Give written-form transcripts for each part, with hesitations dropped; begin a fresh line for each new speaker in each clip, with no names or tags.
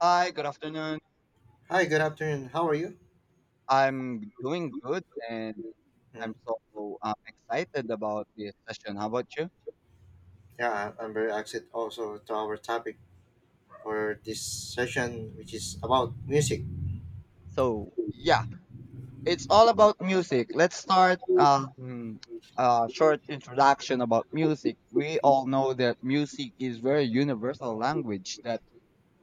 Hi, good afternoon.
Hi, good afternoon. How are you?
I'm doing good and
Mm,
I'm so excited about this session. How about you?
yeah, I'm very excited also to our topic for this session, which is about music.
So, yeah, it's all about music. Let's start a short introduction about music. We all know that music is very universal language that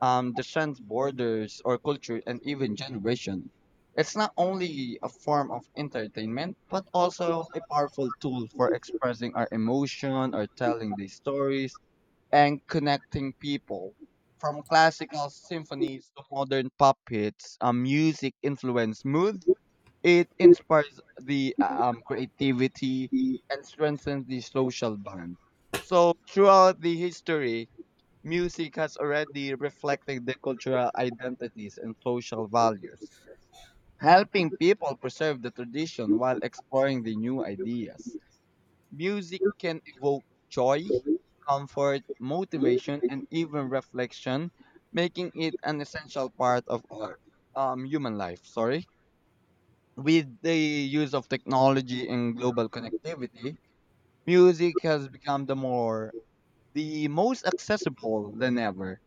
transcends borders or culture and even generation. It's not only a form of entertainment, but also a powerful tool for expressing our emotion or telling the stories and connecting people. From classical symphonies to modern pop hits, music influenced moods, it inspires the creativity and strengthens the social bond. So throughout the history, music has already reflected the cultural identities and social values, helping people preserve the tradition while exploring the new ideas. Music can evoke joy, comfort, motivation, and even reflection, making it an essential part of our human life. Sorry. With the use of technology and global connectivity, music has become the most accessible than ever,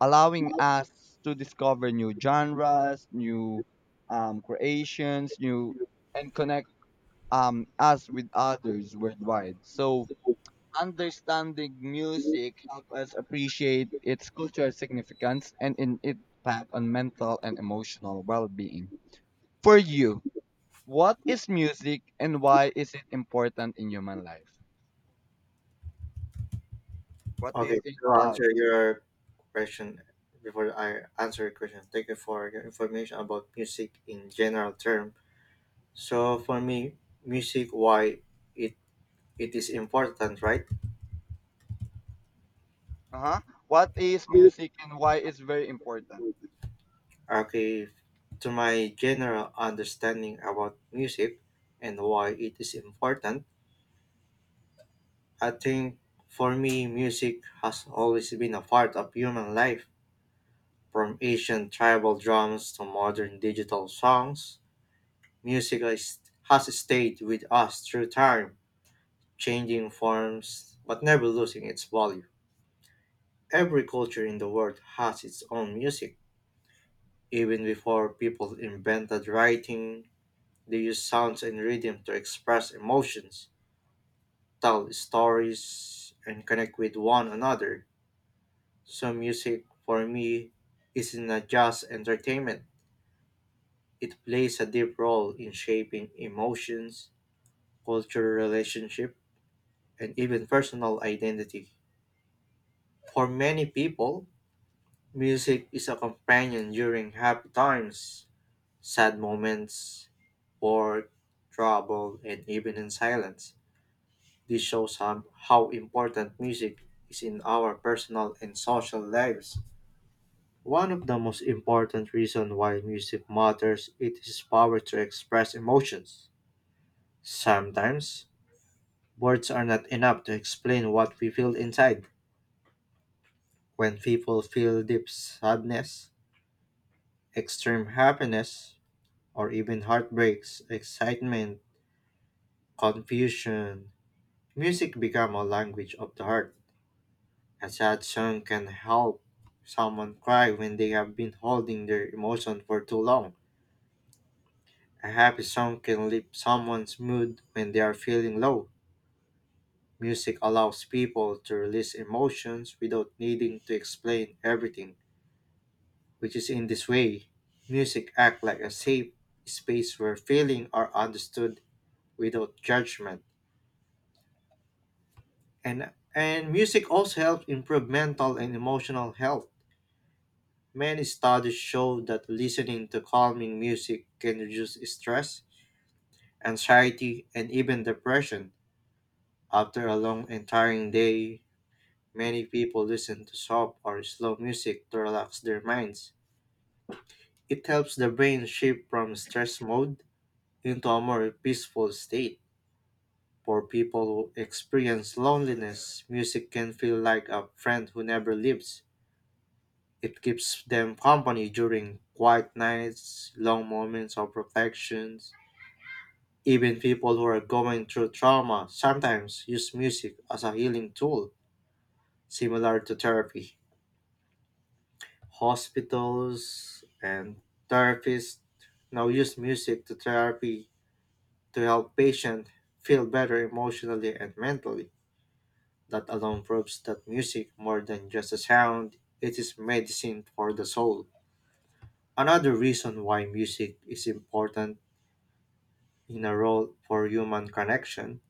allowing us to discover new genres, new creations, new and connect, us with others worldwide. So understanding music helps us appreciate its cultural significance and in its impact on mental and emotional well-being. For you, what is music and why is it important in human life? What do you
Okay,
think
to
about?
answer your question, before I answer your question, thank you for your information about music in general term. So for me, music, why it it is important, right?
Uh-huh. What is music and why it's very important?
Okay, to my general understanding about music and why it is important, I think for me, music has always been a part of human life. From ancient tribal drums to modern digital songs, has stayed with us through time, changing forms but never losing its value. Every culture in the world has its own music. Even before people invented writing, they used sounds and rhythm to express emotions, tell stories, and connect with one another. So music for me isn't a just entertainment. It plays a deep role in shaping emotions, cultural relationship, and even personal identity. For many people, music is a companion during happy times, sad moments, or trouble, and even in silence. This shows how important music is in our personal and social lives. One of the most important reasons why music matters is its power to express emotions. Sometimes, words are not enough to explain what we feel inside. When people feel deep sadness, extreme happiness, or even heartbreaks, excitement, confusion, music becomes a language of the heart. A sad song can help someone cry when they have been holding their emotion for too long. A happy song can lift someone's mood when they are feeling low. Music allows people to release emotions without needing to explain everything, which is in this way. Music acts like a safe space where feelings are understood without judgment. And music also helps improve mental and emotional health. Many studies show that listening to calming music can reduce stress, anxiety, and even depression after a long and tiring day. Many people listen to soft or slow music to relax their minds. It helps the brain shift from stress mode into a more peaceful state. For people who experience loneliness, music can feel like a friend who never leaves. It keeps them company during quiet nights, long moments of reflections. Even people who are going through trauma sometimes use music as a healing tool, similar to therapy. Hospitals and therapists now use music to therapy to help patients feel better emotionally and mentally. That alone proves that music, more than just a sound, it is medicine for the soul. Another reason why music is important in a role for human connection,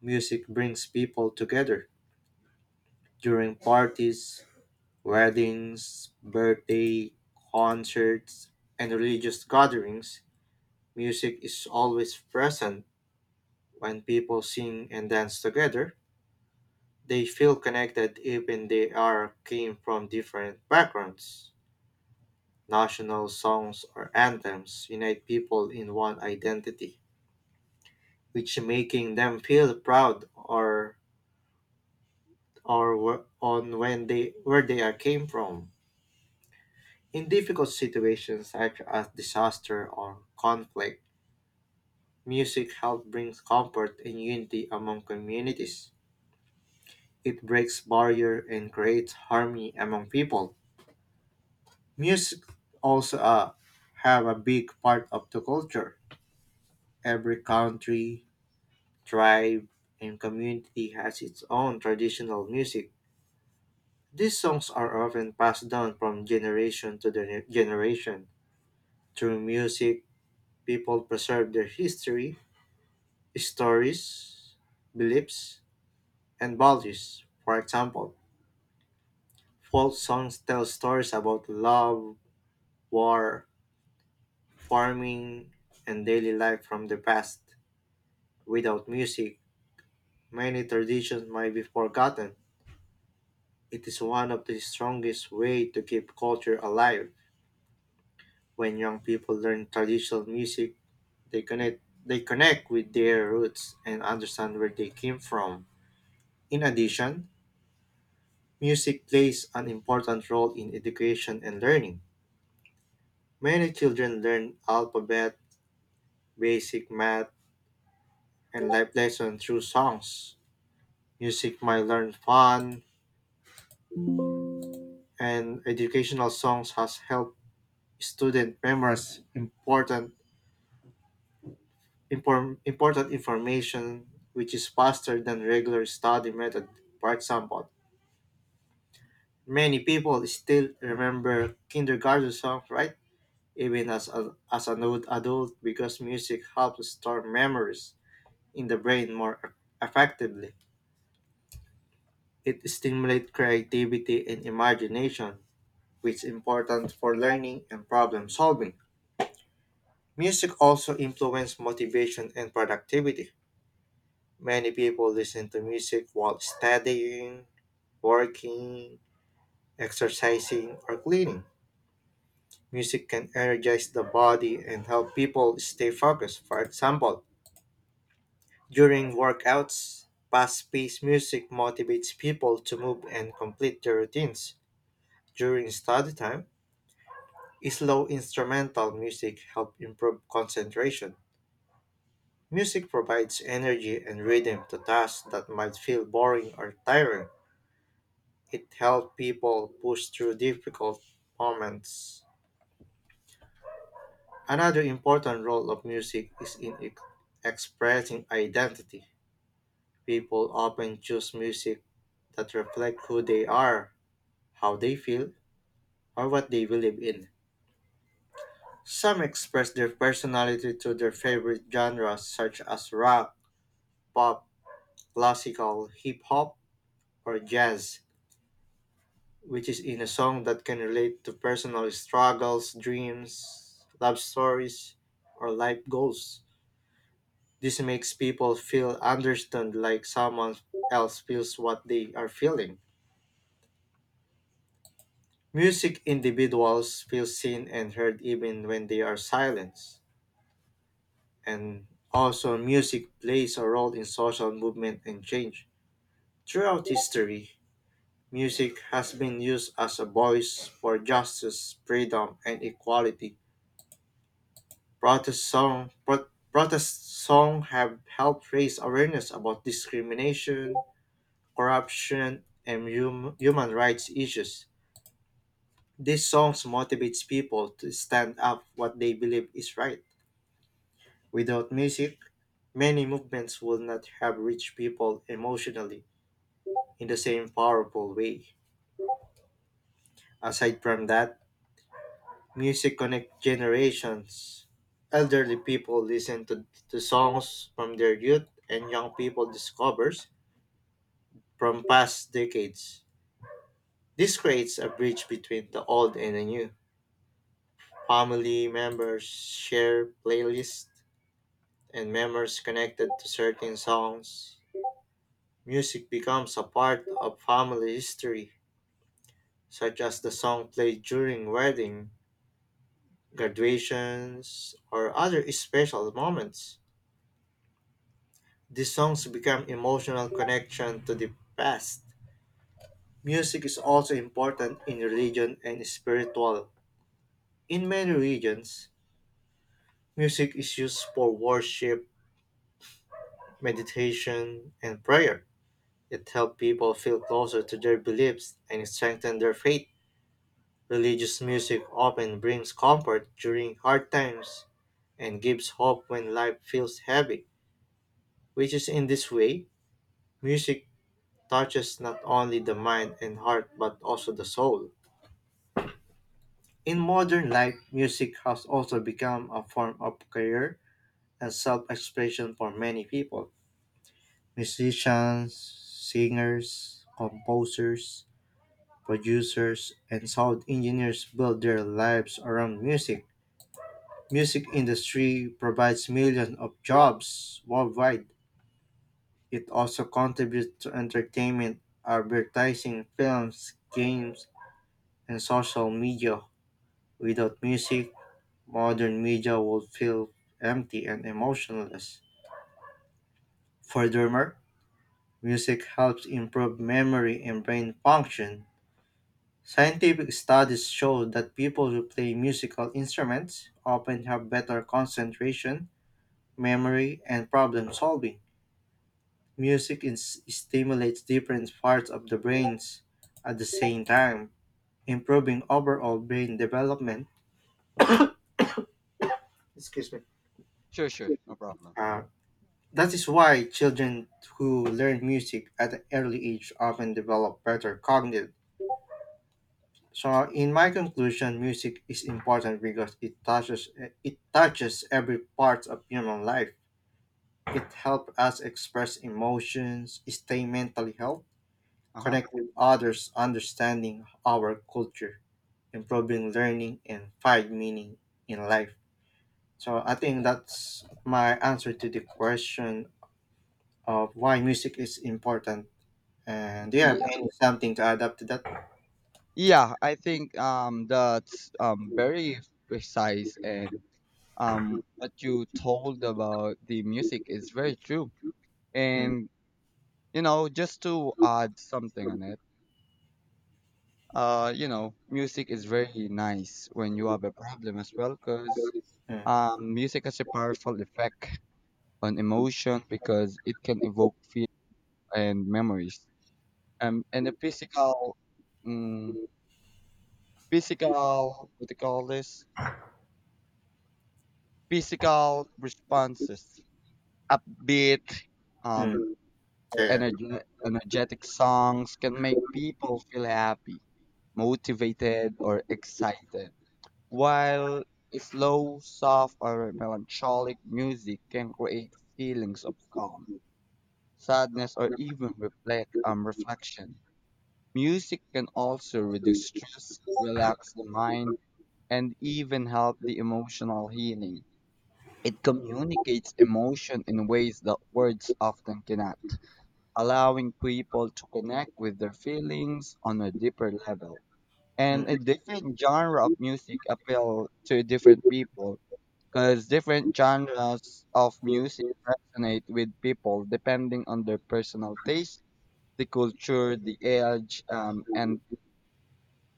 music brings people together during parties, weddings, birthday, concerts, and religious gatherings. Music is always present. When people sing and dance together, they feel connected even they are came from different backgrounds. National songs or anthems unite people in one identity, which making them feel proud or on when they where they are came from. In difficult situations such as disaster or conflict, music helps bring comfort and unity among communities. It breaks barrier and creates harmony among people. Music also have a big part of the culture. Every country, tribe, and community has its own traditional music. These songs are often passed down from generation. Through music, people preserve their history, stories, beliefs, and values. For example, folk songs tell stories about love, war, farming, and daily life from the past. Without music, many traditions might be forgotten. It is one of the strongest ways to keep culture alive. When young people learn traditional music, they connect with their roots and understand where they came from. In addition, music plays an important role in education and learning. Many children learn alphabet, basic math, and life lessons through songs. Music might learn fun, and educational songs has helped student memorize important information which is faster than regular study method. For example, many people still remember kindergarten songs, right? Even as as an old adult, because music helps store memories in the brain effectively. It stimulates creativity and imagination, which is important for learning and problem solving. Music also influences motivation and productivity. Many people listen to music while studying, working, exercising, or cleaning. Music can energize the body and help people stay focused. For example, during workouts, fast paced music motivates people to move and complete their routines. During study time, slow instrumental music helps improve concentration. Music provides energy and rhythm to tasks that might feel boring or tiring. It helps people push through difficult moments. Another important role of music is expressing identity. People often choose music that reflect who they are, how they feel, or what they believe in. Some express their personality through their favorite genres such as rock, pop, classical, hip hop, or jazz, which is in a song that can relate to personal struggles, dreams, love stories, or life goals. This makes people feel understood like someone else feels what they are feeling. Music individuals feel seen and heard even when they are silenced. And also music plays a role in social movement and change. Throughout history, music has been used as a voice for justice, freedom, and equality. Protest song pro- Protest song have helped raise awareness about discrimination, corruption, and human rights issues. These songs motivates people to stand up what they believe is right. Without music, many movements would not have reached people emotionally in the same powerful way. Aside from that, music connects generations. Elderly people listen to songs from their youth and young people discovers from past decades. This creates a bridge between the old and the new. Family members share playlists and memories connected to certain songs. Music becomes a part of family history, such as the song played during wedding, graduations, or other special moments. These songs become emotional connection to the past. Music is also important in religion and spiritual. In many regions, music is used for worship, meditation, and prayer. It helps people feel closer to their beliefs and strengthen their faith. Religious music often brings comfort during hard times and gives hope when life feels heavy, which is in this way, music touches not only the mind and heart but also the soul. In modern life, music has also become a form of career and self expression for many people. Musicians, singers, composers, producers, and sound engineers build their lives around music. Music industry provides millions of jobs worldwide. It also contributes to entertainment, advertising, films, games, and social media. Without music, modern media would feel empty and emotionless. Furthermore, music helps improve memory and brain function. Scientific studies show that people who play musical instruments often have better concentration, memory, and problem solving. Stimulates different parts of the brains at the same time, improving overall brain development. Excuse me.
Sure, sure, no problem.
Uh, that is why children who learn music at an early age often develop better cognitive. So in my conclusion, music is important because it touches every part of human life. It helps us express emotions, stay mentally healthy,
Uh-huh.
connect with others, understanding our culture, improving learning, and find meaning in life. So I think that's my answer to the question of why music is important. And do you have
Yeah.
any something to add up to that?
Yeah, I think that's very precise and what you told about the music is very true.
Mm,
And you know, just to add something on it, you know, music is very nice when you have a problem as well, cause
mm,
Music has a powerful effect on emotion because it can evoke feelings and memories. And the physical, um, physical, what do you call this? Physical responses, upbeat, um,
mm,
or
yeah.
energetic songs can make people feel happy, motivated, or excited. While slow, soft, or melancholic music can create feelings of calm, sadness, or even reflection. Music can also reduce stress, relax the mind, and even help the emotional healing. It communicates emotion in ways that words often cannot, allowing people to connect with their feelings on a deeper level. And
Mm,
a different genre of music appeal to different people because different genres of music resonate with people depending on their personal taste, the culture, the age, um, and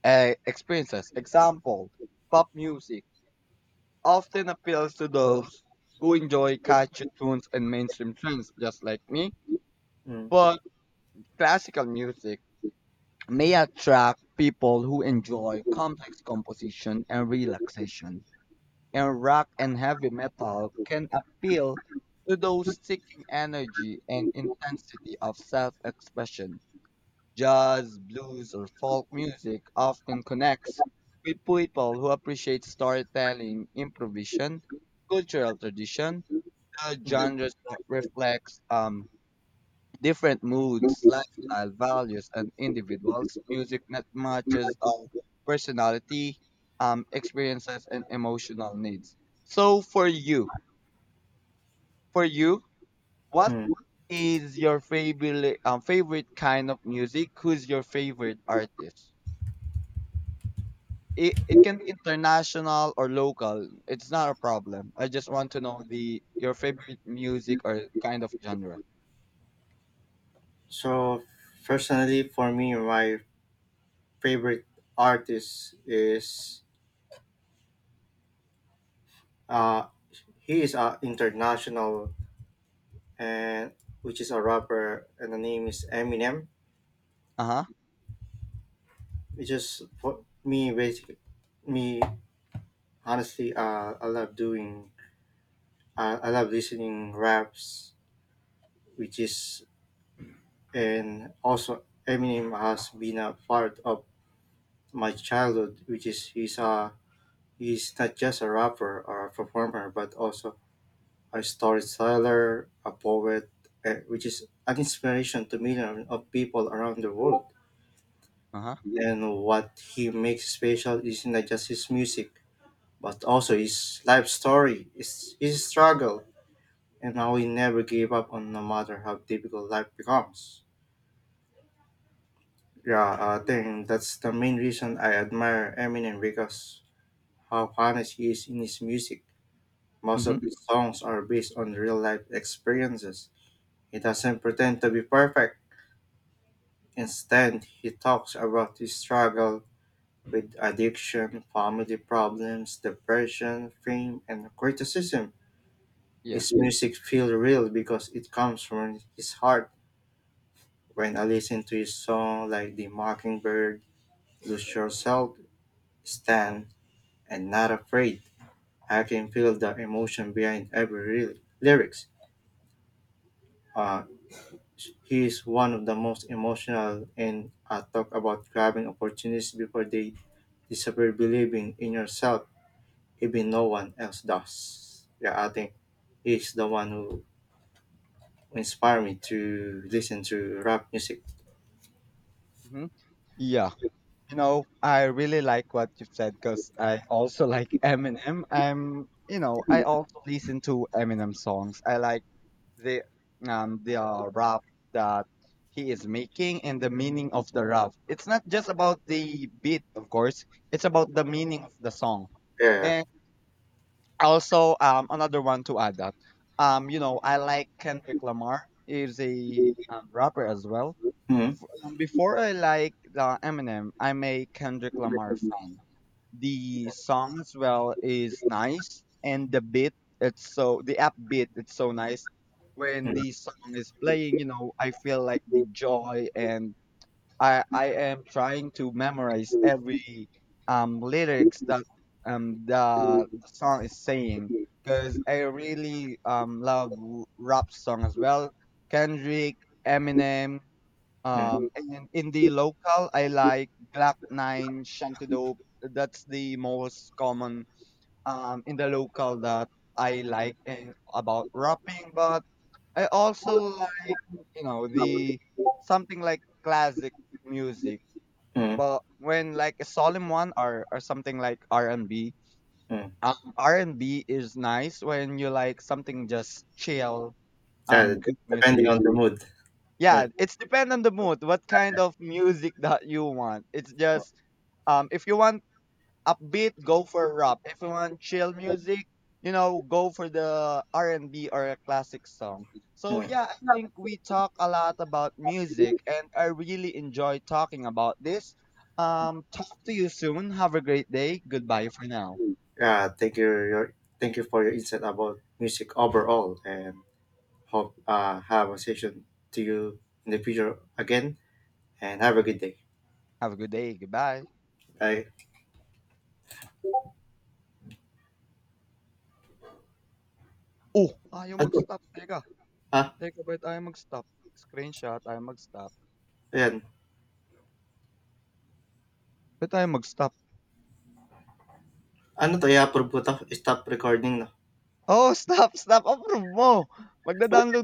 uh, experiences. Example, pop music often appeals to those who enjoy catchy tunes and mainstream trends, just like me.
mm,
But classical music may attract people who enjoy complex composition and relaxation. And rock and heavy metal can appeal to those seeking energy and intensity of self expression. Jazz, blues, or folk music often connects with people who appreciate storytelling, improvisation, cultural tradition. The
mm.
genres reflects different moods, lifestyle, values, and individuals. Music that matches our personality, experiences, and emotional needs. So, for you, what
Mm.
is your favorite favorite kind of music? Who's your favorite artist? It can be international or local. It's not a problem. I just want to know the your favorite music or kind of genre.
So personally, for me, my favorite artist is uh he is international and which is a rapper and the name is Eminem.
Uh huh.
It's just for me basically me honestly I love doing I love listening raps which is and also Eminem has been a part of my childhood, which is he's not just a rapper or a performer, but also a storyteller, a poet, which is an inspiration to millions of people around the world.
Uh huh.
And what he makes special is not just his music, but also his life story, his struggle, and how he never gave up on no matter how difficult life becomes. Yeah, I think that's the main reason I admire Eminem because how honest he is in his music. Most of
Mhm.
his songs are based on real life experiences. He doesn't pretend to be perfect. Instead, he talks about his struggle with addiction, family problems, depression, fame, and criticism.
Yeah.
His music feels real because it comes from his heart. When I listen to his song like The Mockingbird, Lose Yourself, Stand, and Not Afraid, I can feel the emotion behind lyrics. Uh, He is one of the most emotional and talk about grabbing opportunities before they disappear, believing in yourself even no one else does. Yeah, I think he's the one who inspired me to listen to rap music.
Mhm. Yeah. You know, I really like what you've said because I also like Eminem. I'm, you know, I also listen to Eminem songs. I like the the rap that he is making and the meaning of the rap. It's not just about the beat, of course. It's about the meaning of the song.
Yeah.
And also, another one to add that, you know, I like Kendrick Lamar. He's a rapper as well. Before I like the Eminem, I'm a Kendrick Lamar fan. The song as well is nice, and the beat, it's so the upbeat, it's so nice. When the song is playing, you know, I feel like the joy, and I am trying to memorize every lyrics that, the song is saying, because I really love rap song as well. Kendrick, Eminem, and in the local I like Glock 9, Shanty Dope. That's the most common in the local that I like, and about rapping. But I also like, you know, the something like classic music,
Hmm.
but when like a solemn one, or something like R&B.
Mm.
R and B is nice when you like something just chill,
Yeah,
good
depending
music.
on the mood. Yeah.
Yeah, it's depend on the mood. What kind of music that you want? It's
Mm.
just, if you want upbeat, go for rap. If you want chill music, you know, go for the R&B or a classic song. So yeah, I think we talk a lot about
Mm.
music, and I really enjoy talking about this. Talk to you soon. Have a great day. Goodbye for now.
Yeah, thank you. Thank you for your insight about music overall, and hope have a session to you in the future again. And have a good day.
Have a good day. Goodbye.
Bye.
Oh, ayaw
Ano?
mag-stop. Teka.
Ah,
Teka, ba't ayaw mag-stop? Screenshot, ayaw mag-stop.
ayan.
Ba't ayaw mag-stop?
Ano to? I-approve ko to. Stop recording na.
Oh, stop, stop. Approve mo. Magda-download